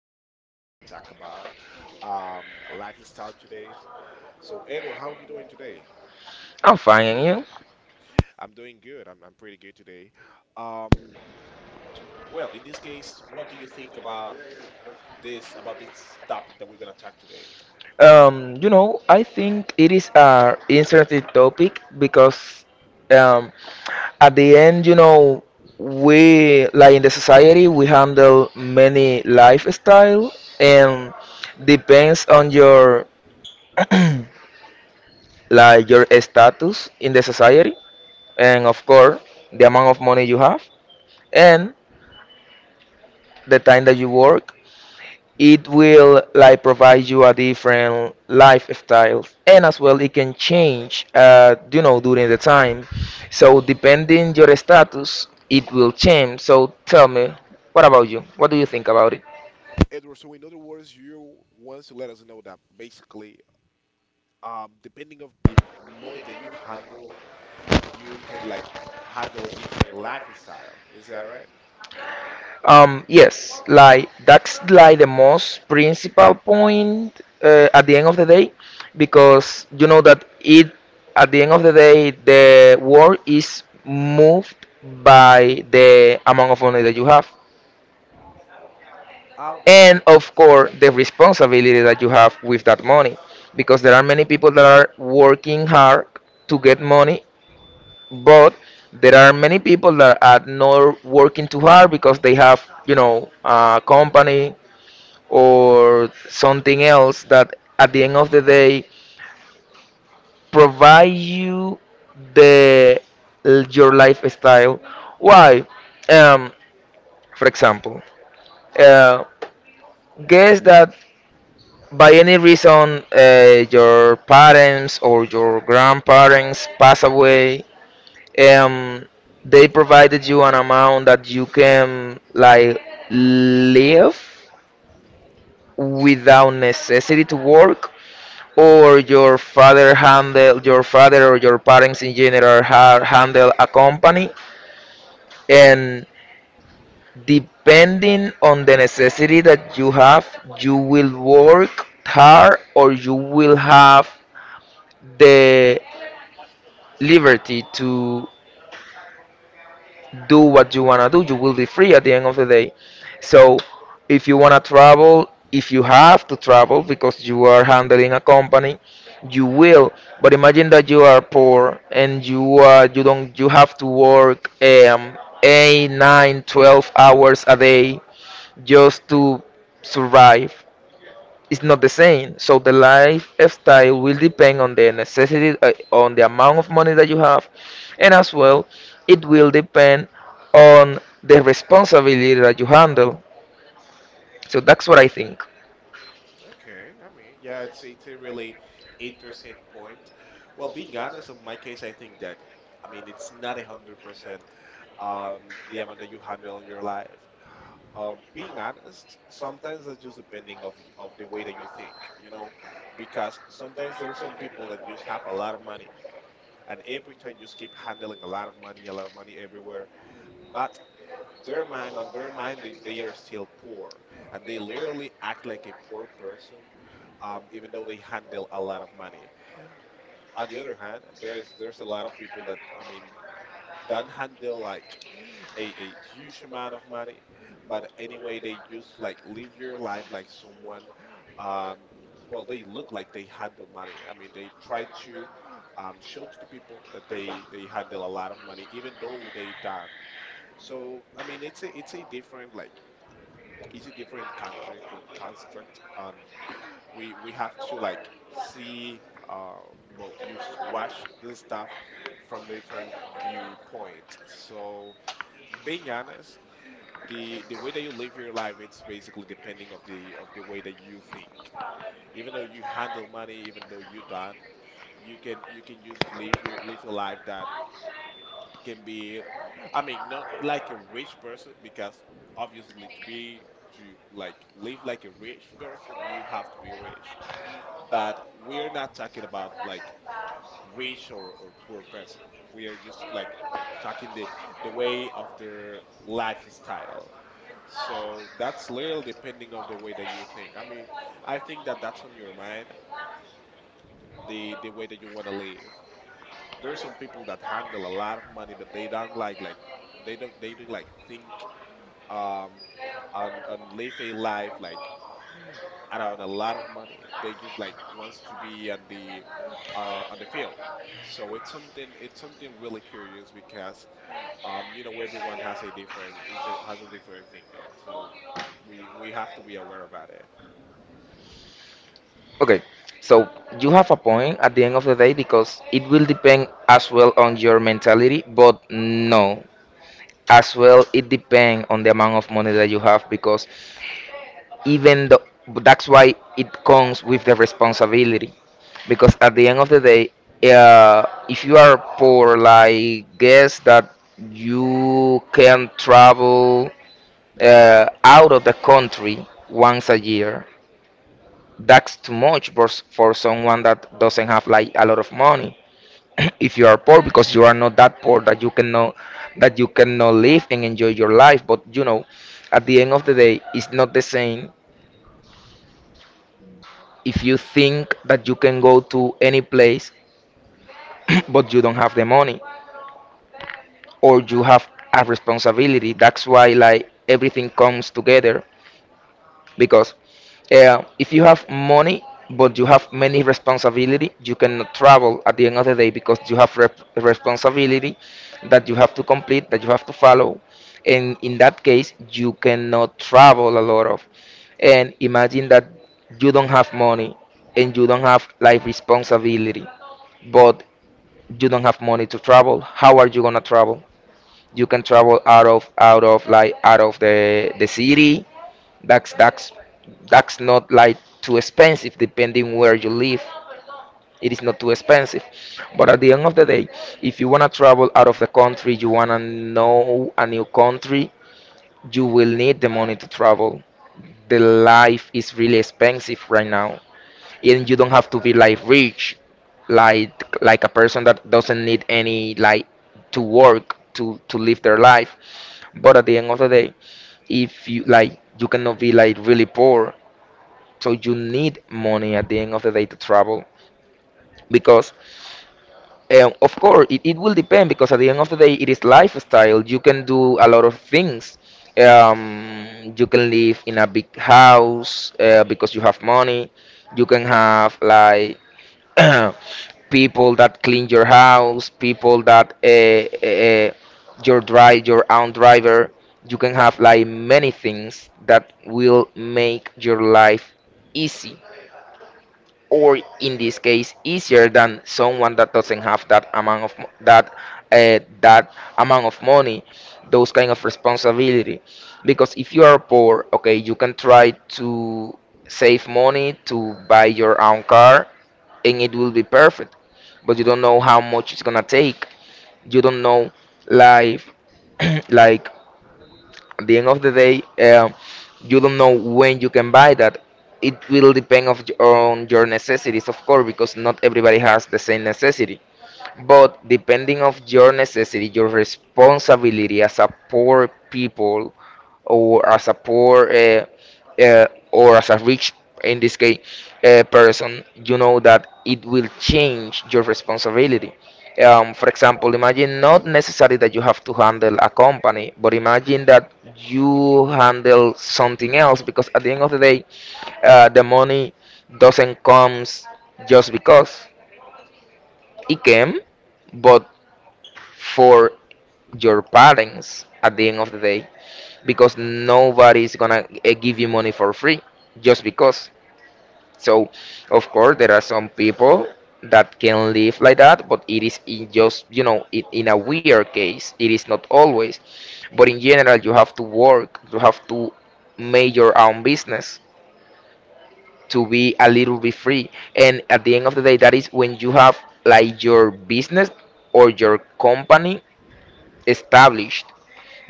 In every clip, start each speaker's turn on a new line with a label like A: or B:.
A: Edward. We're basically gonna talk about lifestyle today. So, Edward, how are you doing today?
B: I'm fine, and you?
A: I'm doing good. I'm pretty good today. Um, well, in this case, what do you think about this topic that we're gonna talk today,
B: I think it is a interesting topic because um, at the end, we like in the society we handle many lifestyle and depends on your like your status in the society and of course the amount of money you have and the time that you work. It will like provide you a different lifestyle, and as well it can change, during the time. So depending your status it will change. So tell me, what about you? What do you think about it?
A: Edward? So, in other words, you want to let us know that basically, depending of the money that you handle, you can like handle a different lifestyle. Is that right?
B: Yes, like that's like the most principal point, at the end of the day, because you know that it, at the end of the day, the world is moved by the amount of money that you have and
A: Anderson.
B: of course the responsibility that you have with that money. Because there are many people that are working hard to get money, but there are many people that are not working too hard because they have, a company or something else that at the end of the day provide you the your lifestyle. Why? um for example, uh, guess that by any reason, your parents or your grandparents pass away. um they provided you an amount that you can like live without necessity to work. Or your father handle, your father or your parents in general handle a company, and depending on the necessity that you have, you will work hard or you will have the liberty to do what you want to do. You will be free at the end of the day. So, if you want to travel, if you have to travel because you are handling a company, you will. But imagine that you are poor and you you don't you have to work 8, 9, 12 hours a day just to survive. Is not the same. So the lifestyle will depend on the necessity, on the amount of money that you have, and as well, it will depend on the responsibility that you handle. So that's what I think.
A: Okay, I mean, yeah, it's a really interesting point. Well, being honest, in my case, I think that I mean it's not 100% the amount that you handle in your life. Being honest, sometimes that's just depending of of the way that you think, you know, because sometimes there are some people that just have a lot of money, and every time you just keep handling a lot of money, a lot of money everywhere, but their mind they are still poor, and they literally act like a poor person, even though they handle a lot of money. On the other hand, there's a lot of people that, I mean, don't handle like a huge amount of money, but anyway they just like live your life like someone, um, well, they look like they handle money. I mean, they try to, show to the people that they handle a lot of money even though they don't. So I mean, it's a different like, it's a different construct, and we have to like see, uh well, you watch this stuff from different viewpoint. So being honest, the way that you live your life, it's basically depending of the way that you think, even though you handle money, even though you don't, you can just live your live a life that can be, I mean, not like a rich person, because obviously to be to like live like a rich person, you have to be rich. But we're not talking about like rich or poor person. We are just like talking the way of their lifestyle. So that's literally depending of the way that you think. I mean, I think that that's on your mind, the way that you want to live. There are some people that handle a lot of money, but they don't like they don't like think, um and live a life like around a lot of money. They just like wants to be on the, on the field. So it's something, it's something really curious, because you know, everyone has a different, has a different thinking. So we have to be aware about it.
B: Okay, so you have a point at the end of the day because it will depend as well on your mentality, but no, as well it depends on the amount of money that you have. Because even though, that's why it comes with the responsibility, because at the end of the day, uh, if you are poor, like guess that you can travel out of the country once a year, that's too much for, for someone that doesn't have like a lot of money. If you are poor, because you are not that poor that you cannot, that you cannot live and enjoy your life, but you know at the end of the day it's not the same. If you think that you can go to any place but you don't have the money, or you have a responsibility, that's why like everything comes together. Because if you have money but you have many responsibility, you cannot travel at the end of the day, because you have responsibility that you have to complete, that you have to follow, and in that case you cannot travel a lot of. And imagine that you don't have money and you don't have life responsibility, but you don't have money to travel, how are you gonna travel? You can travel out of, the city. That's that's not like too expensive depending where you live. It is not too expensive. But at the end of the day, if you wanna travel out of the country, you wanna know a new country, you will need the money to travel. The life is really expensive right now. And you don't have to be like rich, like a person that doesn't need any like to work, to live their life. But at the end of the day, if you like, you cannot be like really poor, so you need money at the end of the day to travel. Because, of course, it will depend, because at the end of the day, it is lifestyle. You can do a lot of things. You can live in a big house, because you have money. You can have like people that clean your house, people that your drive your own driver. You can have like many things that will make your life easy, or in this case easier than someone that doesn't have that amount of that, that amount of money, those kind of responsibility. Because if you are poor, okay, you can try to save money to buy your own car, and it will be perfect. But you don't know how much it's gonna take, you don't know life. Like at the end of the day, um, you don't know when you can buy that. It will depend of, on your necessities, of course, because not everybody has the same necessity. But depending of your necessity, your responsibility as a poor people, or as a poor, or as a rich, in this case, person, you know that it will change your responsibility. For example, imagine not necessarily that you have to handle a company, but imagine that you handle something else, because at the end of the day, the money doesn't comes just because it came, but for your parents at the end of the day, because nobody is gonna give you money for free just because. So, of course, there are some people that can live like that, but it is in just, it, in a weird case. It is not always. But in general, you have to work, you have to make your own business to be a little bit free. And at the end of the day, that is when you have like your business or your company established.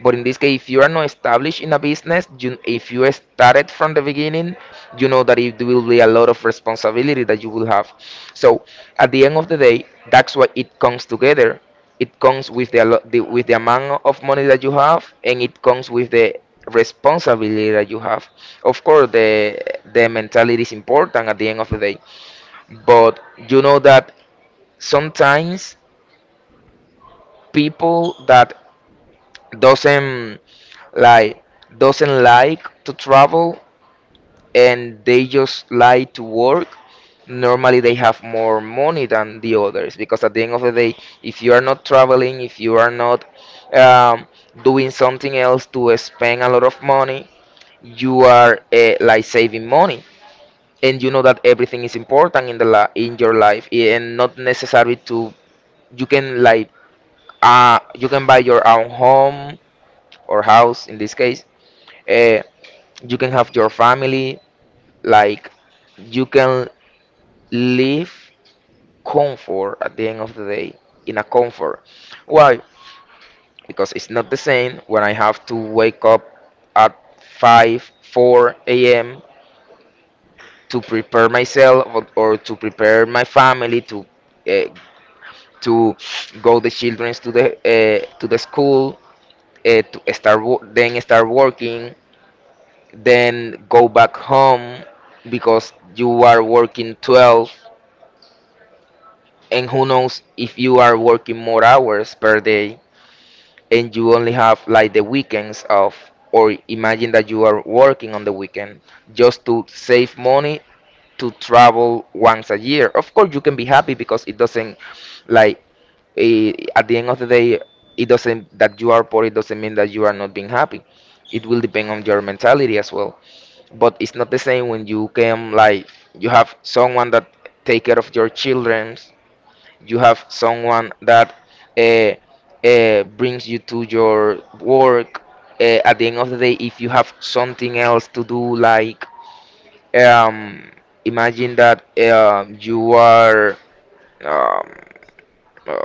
B: But in this case, if you are not established in a business, you, if you started from the beginning, you know that it will be a lot of responsibility that you will have. So at the end of the day, that's why it comes together. It comes with the, the with the amount of money that you have, and it comes with the responsibility that you have. Of course, the mentality is important at the end of the day, but you know that sometimes people that doesn't like, doesn't like to travel and they just like to work, normally they have more money than the others, because at the end of the day, if you are not traveling, if you are not, um, doing something else to spend a lot of money, you are, like saving money. And you know that everything is important in the in your life, and not necessary to, you can like, you can buy your own home or house in this case, eh, you can have your family, like you can live comfort at the end of the day, in a comfort. Why? Because it's not the same when I have to wake up at 5, 4 a.m. to prepare myself, or to prepare my family to, uh, to go the children to the, to the school, to start then start working, then go back home because you are working 12 and who knows if you are working more hours per day, and you only have like the weekends off, or imagine that you are working on the weekend just to save money to travel once a year. Of course you can be happy because it doesn't like, at the end of the day, it doesn't that you are poor, it doesn't mean that you are not being happy. It will depend on your mentality as well. But it's not the same when you can like, you have someone that take care of your children, you have someone that uh, brings you to your work, at the end of the day, if you have something else to do like, um, imagine that you are, um, uh,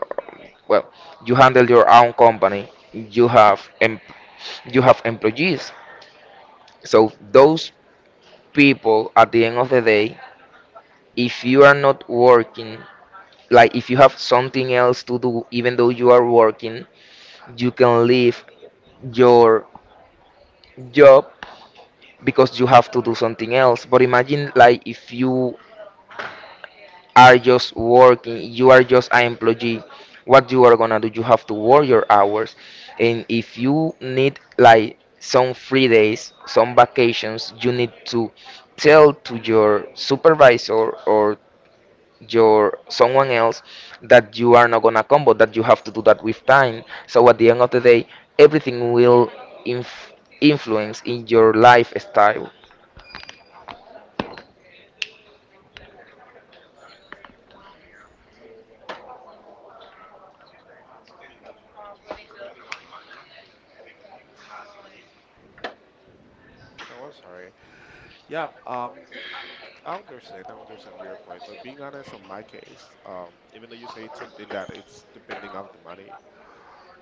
B: well you handle your own company, you have you have employees. So those people at the end of the day, if you are not working, like if you have something else to do even though you are working, you can leave your job because you have to do something else. But imagine like if you are just working, you are just an employee, what you are gonna do? You have to work your hours. And if you need like some free days, some vacations, you need to tell to your supervisor or your someone else that you are not gonna combo that you have to do that with time, so at the end of the day everything will inf- influence in your lifestyle.
A: Oh, I'm sorry. Yeah. I understand your point, but being honest, on my case, even though you say it's something that it's depending on the money,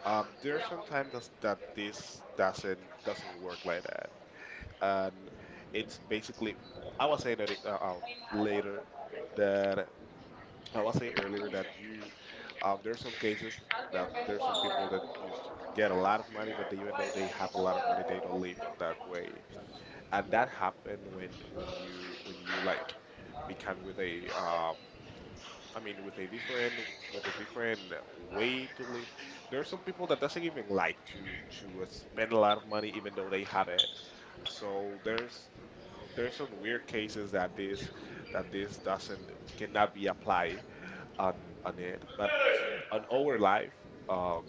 A: there's sometimes that's, that this doesn't work like that, and it's basically I was saying that it, later that I was saying earlier that you there's some cases that there's some people that just get a lot of money, but they, even though they have a lot of money, they don't live on that way. And that happened when when you like become with a, I mean, with a different way to live. There are some people that doesn't even like to spend a lot of money even though they have it. So there's some weird cases that this doesn't cannot be applied on on it. But on our life, uh,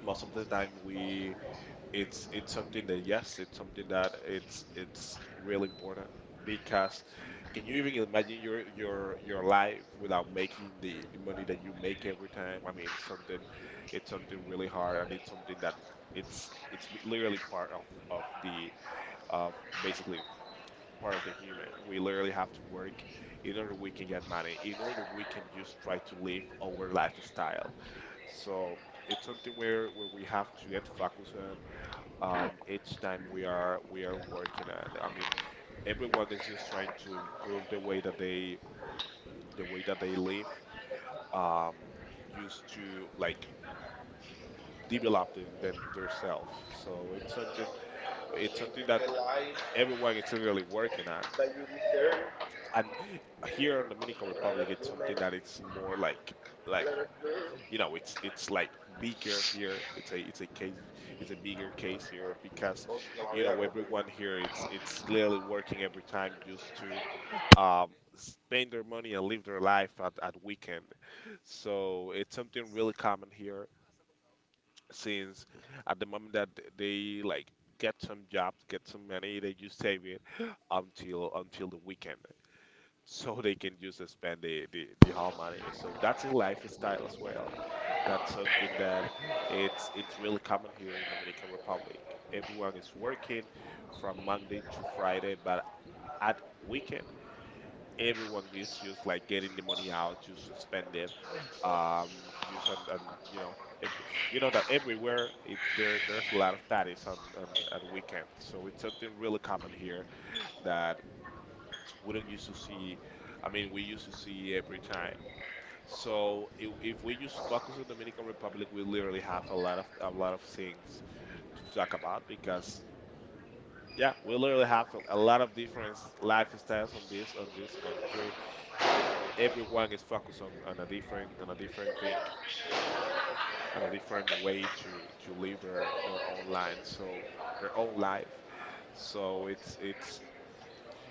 A: most of the time we it's something that, yes, it's something that it's really important, because can you even imagine your your life without making the money that you make every time. I mean something, it's something really hard, and it's something that it's literally part of the of basically part of the human. We literally have to work in order we can get money, in order we can just try to live our lifestyle. So it's something where we have to get focused on, each time we are working at. I mean, everyone is just trying to improve the way that they the way that they live, um, used to like develop them themselves. So it's something, it's something that everyone is really working on. And here in Dominican Republic, it's something that it's more like like you know, it's like bigger here. It's a it's a case, it's a bigger case here, because you know, everyone here, it's literally working every time just to, um spend their money and live their life at weekend. So it's something really common here since at the moment that they like get some jobs, get some money, they just save it until the weekend, so they can just spend the whole money. So that's a lifestyle as well. That's something that it's really common here in Dominican Republic. Everyone is working from Monday to Friday, but at weekend, everyone is just like getting the money out, just to spend it. Um, just and you know, ev you know that everywhere it, there there's a lot of parties on at weekends. So it's something really common here that we don't used to see. I mean, we used to see every time. So if we just focus on Dominican Republic, we literally have a lot of things to talk about, because yeah, we literally have a lot of different lifestyles on this country. Everyone is focused on a different thing, on a different way to live their own line. So their own life. So it's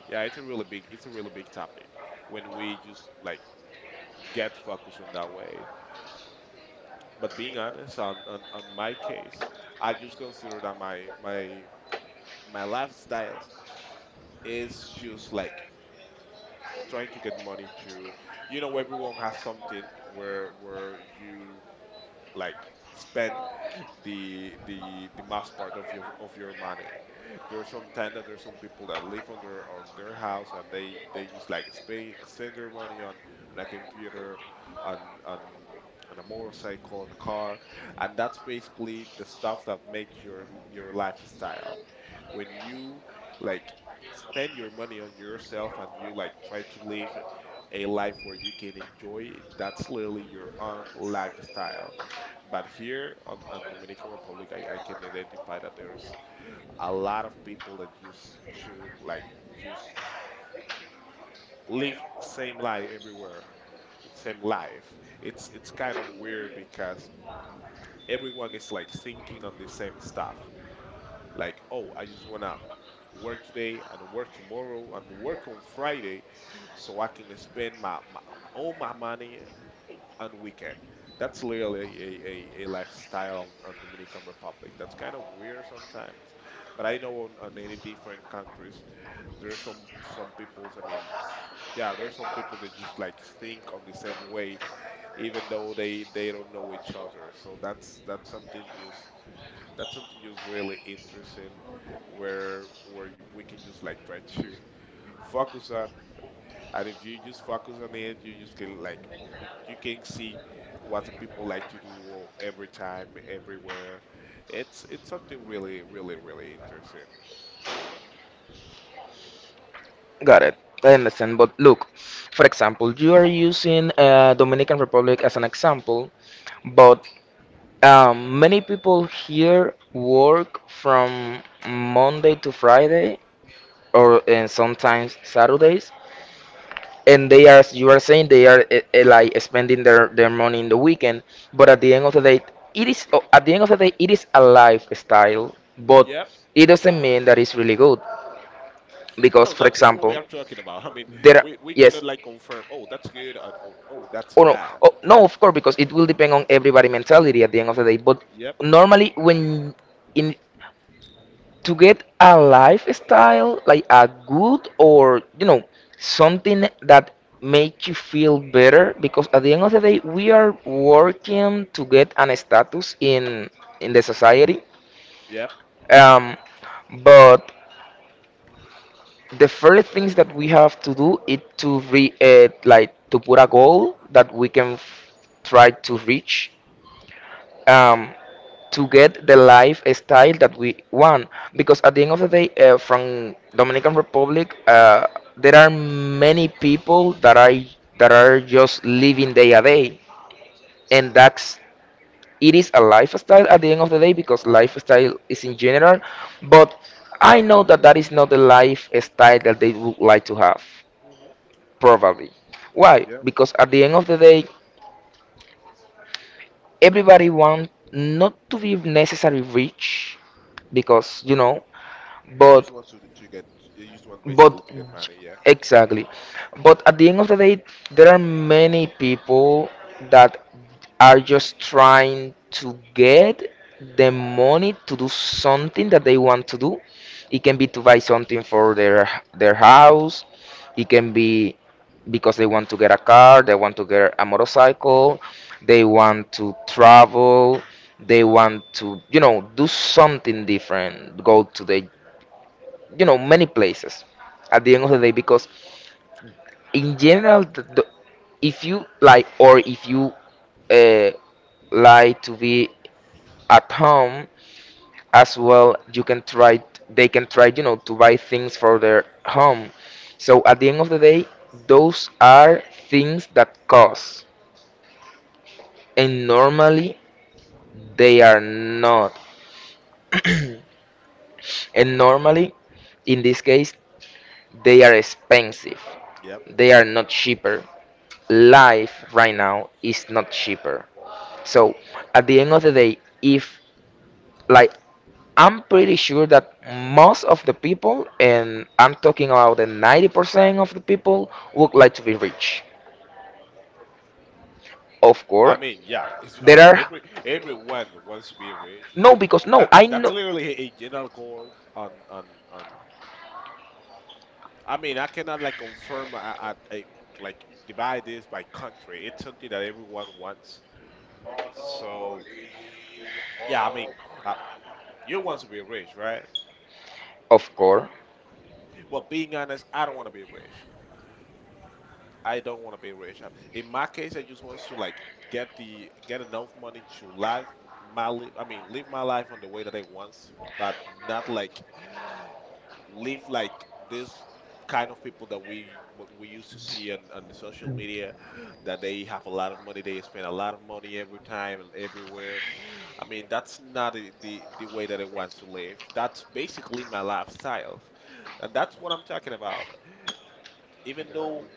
A: yeah, it's a really big, it's a really big topic when we just like get focused on that way. But being honest, on my case, I just consider that my my lifestyle is just like trying to get money to, you know, everyone has something where you like spend the the most part of your money. There's some time that there's some people that live on their house, and they just like spend their money on a computer, on on on a motorcycle, on a car, and that's basically the stuff that make your lifestyle. When you like spend your money on yourself and you like try to live a life where you can enjoy, that's literally your own lifestyle. But here on Dominican Republic, I can identify that there's a lot of people that used to like just live same life everywhere, same life. It's kind of weird because everyone is like thinking on the same stuff. Like, oh, I just wanna work today, and work tomorrow, and work on Friday, so I can spend my, my all my money on weekend. That's literally a lifestyle on Dominican Republic. That's kind of weird sometimes, but I know on any different countries, there's some people's. I mean, yeah, there's some people that just like think on the same way, even though they don't know each other. So that's something just, that's something just really interesting, where we can just like try to focus on. And if you just focus on it, you just can like, you can see what the people like to do, every time, everywhere. It's something really, really, really interesting.
B: Got it. I understand, but look, for example, you are using Dominican Republic as an example, but many people here work from Monday to Friday or sometimes Saturdays, and they are you are saying they are like spending their money in the weekend. But at the end of the day, at the end of the day it is a lifestyle, but
A: Yep.
B: it doesn't mean that it's really good, because
A: No,
B: for
A: that's not what we
B: example
A: are talking about. I mean,
B: there are,
A: we
B: yes,
A: cannot like confirm, oh, that's good, or oh, that's
B: or no,
A: bad.
B: no, of course, because it will depend on everybody mentality at the end of the day. But
A: Yep.
B: normally, when in to get a lifestyle like a good, or something that makes you feel better, because at the end of the day we are working to get an status in the society.
A: Yep.
B: um but the first things that we have to do is to re like to put a goal that we can try to reach. um to get the lifestyle that we want, because at the end of the day from Dominican Republic there are many people that are just living day a day. And that's it is a lifestyle at the end of the day, because lifestyle is in general. But I know that that is not the lifestyle that they would like to have,
A: Hmm.
B: probably. Why?
A: Yep.
B: Because at the end of the day, everybody wants not to be necessarily rich, because
A: They just
B: but.
A: want to get, they just want
B: But
A: basically to get money, yeah.
B: exactly. But at the end of the day, there are many people that are just trying to get the money to do something that they want to do. It can be to buy something for their house. It can be because they want to get a car, they want to get a motorcycle, they want to travel, they want to, do something different, go to the many places at the end of the day. Because in general, if you like, or if you uh, like to be at home as well, you can try they can try, to buy things for their home. So at the end of the day, those are things that cost, and normally they are not and normally in this case they are expensive.
A: Yep.
B: They are not cheaper. Life right now is not cheaper. So at the end of the day, if like I'm pretty sure that most of the people, and I'm talking about the 90% of the people, would like to be rich. Of
A: I
B: course,
A: mean, yeah. It's, I
B: there
A: mean,
B: are,
A: everyone wants to be rich.
B: no, because no,
A: That's
B: I
A: that's
B: know.
A: literally a general goal on on. I mean, I cannot like confirm, I like divide this by country. It's something that everyone wants. So yeah, I mean, uh, you want to be rich, right?
B: Of course,
A: But being honest, I don't want to be rich. I don't want to be rich. In my case, I just want to like get the get enough money to live my life. I mean, live my life on the way that I want, but not like live like this kind of people that we used to see on the social media, that they have a lot of money. They spend a lot of money every time and everywhere. I mean that's not the way that I want to live. That's basically my lifestyle and that's what I'm talking about. Even though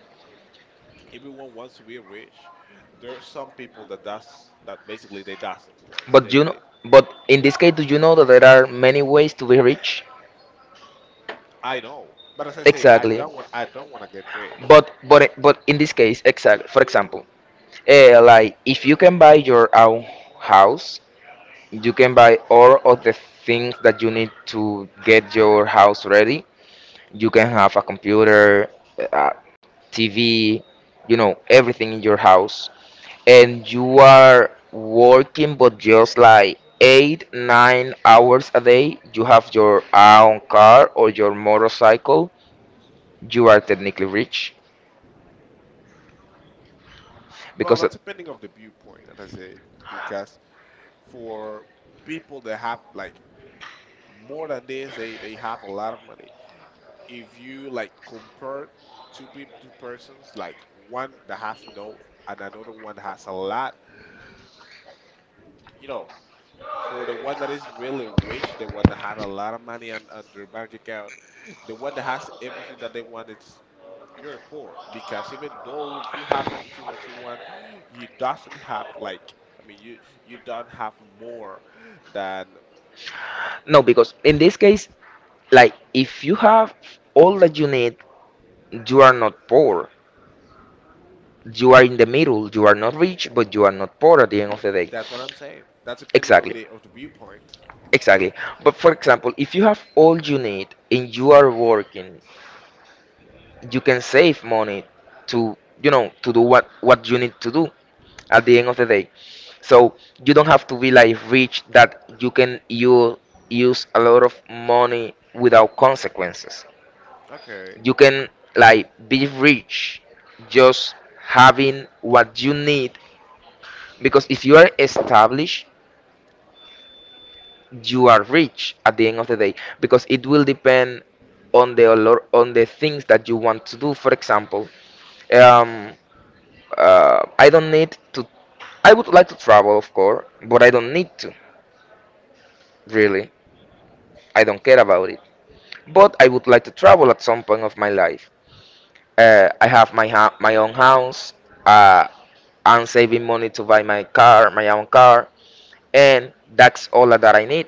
A: everyone wants to be rich, there are some people that does, that basically they doesn't want,
B: but
A: they, they
B: but in this case, do you know that there are many ways to be rich?
A: I know, but as I say, I
B: Exactly.
A: don't want, I don't want to get rich.
B: But in this case, exactly. For example, like if you can buy your own house. You can buy all of the things that you need to get your house ready. You can have a computer, a TV, everything in your house. And you are working, but just like 8, 9 hours a day. You have your own car or your motorcycle. You are technically rich,
A: Well,
B: because
A: that's depending of the viewpoint. As I say, because for people that have like more than this, they have a lot of money. If you like compare two people, two persons, like one that has no and another one has a lot, you know, for the one that is really rich, the one that has a lot of money on their bank account, the one that has everything that they want, it's you're poor. Because even though you have everything what you want, you doesn't have like, I mean, you don't have more than...
B: no, because in this case, like if you have all that you need, you are not poor. You are in the middle. You are not rich, but you are not poor at the end of the day.
A: That's what I'm saying. That's depending of
B: Exactly.
A: the viewpoint.
B: Exactly. But for example, if you have all you need and you are working, you can save money to, to do what you need to do at the end of the day. So you don't have to be like rich that you use a lot of money without consequences.
A: Okay.
B: You can like be rich just having what you need, because if you are established you are rich at the end of the day, because it will depend on the things that you want to do, for example. um I don't need to I would like to travel, of course, but I don't need to, really. I don't care about it, but I would like to travel at some point of my life. I have my own house. uh, I'm saving money to buy my own car, and that's all that I need.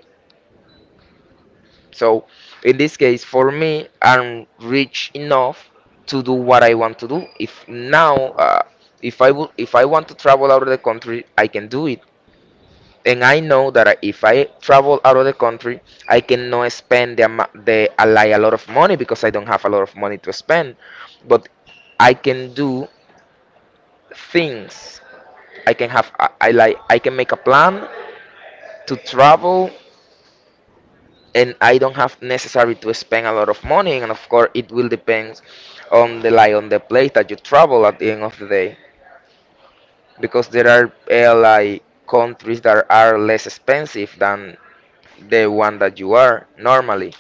B: So in this case, for me, I'm rich enough to do what I want to do. If now, if I would, If I want to travel out of the country, I can do it. And I know that if I travel out of the country, I cannot spend the, amo- the a like a lot of money, because I don't have a lot of money to spend. But I can do things. I can have I like I can make a plan to travel, and I don't have necessary to spend a lot of money. And of course it will depend on the, like, on the place that you travel at the end of the day, because there are like countries that are less expensive than the one that you are normally.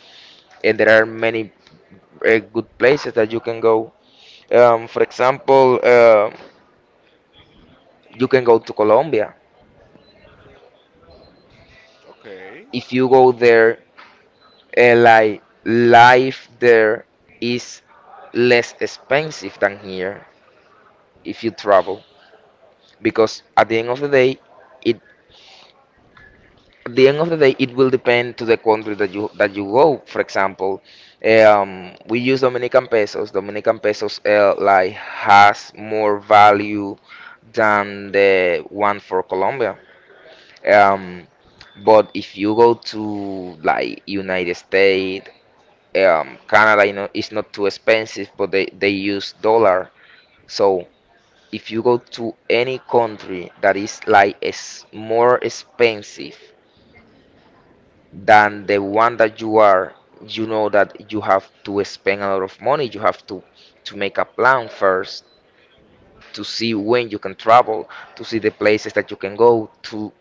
B: And there are many good places that you can go. For example, you can go to Colombia.
A: Okay.
B: If you go there, like life there is less expensive than here if you travel, because at the end of the day, it at the end of the day it will depend to the country that you go, for example. We use Dominican pesos, like, has more value than the one for Colombia. um, but if you go to like United States, Canada, it's not too expensive, but they use dollar. So if you go to any country that is, like, is more expensive than the one that you are, you know that you have to spend a lot of money. You have to make a plan first, to see when you can travel, to see the places that you can go, to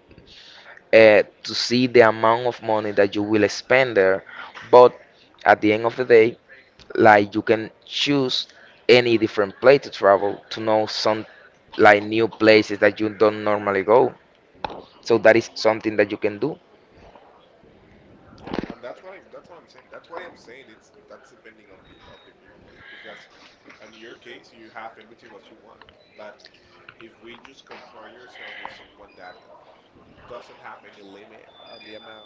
B: uh, to see the amount of money that you will spend there. But at the end of the day, like you can choose any different place to travel to know some, like, new places that you don't normally go. So that is something that you can do.
A: Yeah, and that's what I'm saying. That's why I'm saying it's, that's depending of the viewpoint, because in your case you have everything what you want. But if we just compare yourself with someone that doesn't have any limit on the amount,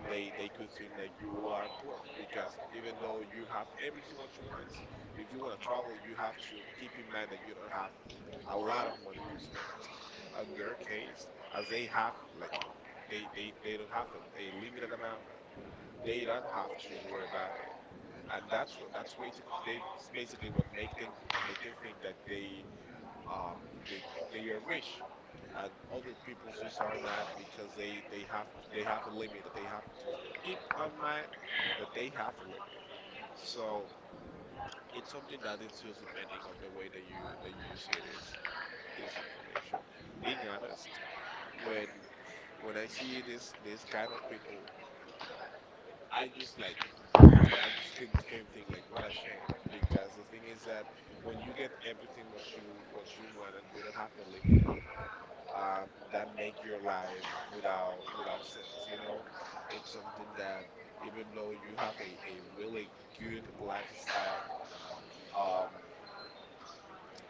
A: they could think that you are poor, because even though you have everything what you want, if you want to travel, you have to keep in mind that you don't have a lot of money to spend. On their case, as they have like they don't have a limited amount, they don't have to worry about it, and that's what, that's way to, they, it's basically what make them, make them think that they, um they they are rich. And other people's use are not, because they have, they have a limit that they have to keep on mind, that they have a limit. So it's something that it's just depending of the way that you see this information. Being honest, when I see this kind of people, I just like, I just can think like, what a shame, because the thing is that when you get everything what you want and you don't have a limit, that make your life without sense. You know, it's something that even though you have a really good lifestyle, um,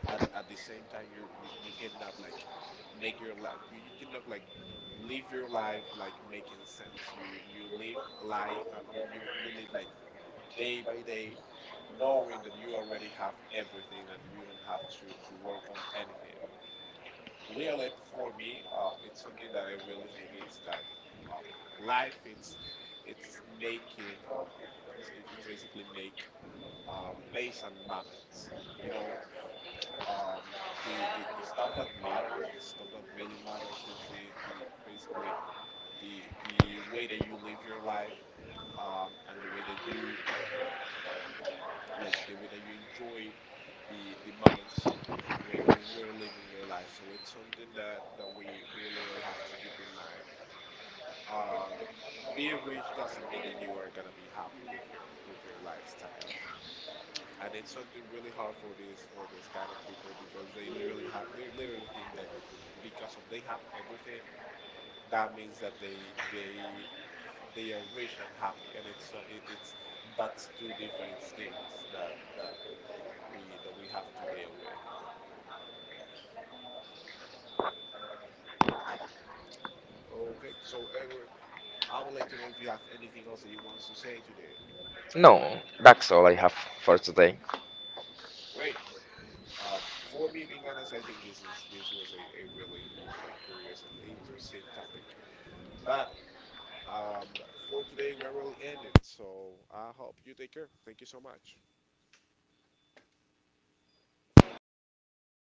A: at the same time you cannot like make your life, you cannot like live your life like making sense. You live life you live like day by day, knowing that you already have everything and you don't have to work on anything. Literally for me, it's something that I really think it's that, uh, life it's making, it's basically make, based on moments, you know. um, the stuff that matters, the stuff that really matters is the basically the way that you live your life, and the way that you like the way that you enjoy the moments when you're living your life. So it's something that we literally have to keep in mind. Um, being rich doesn't mean that you are gonna be happy with your lifestyle, and it's something really hard for this, for this kind of people, because they literally have, they literally think that because of they have everything, that means that they they are rich and happy. And it's it's, that's two different things that we that we have to deal with. Okay, so Edward, I would like to know if you have anything else that you want to say today.
B: No, that's all I have for today.
A: Great. um, for me, being honest, I think this was a really, a really curious and interesting topic, but Um, for today, we're really ending, so I hope you take care. Thank you so much.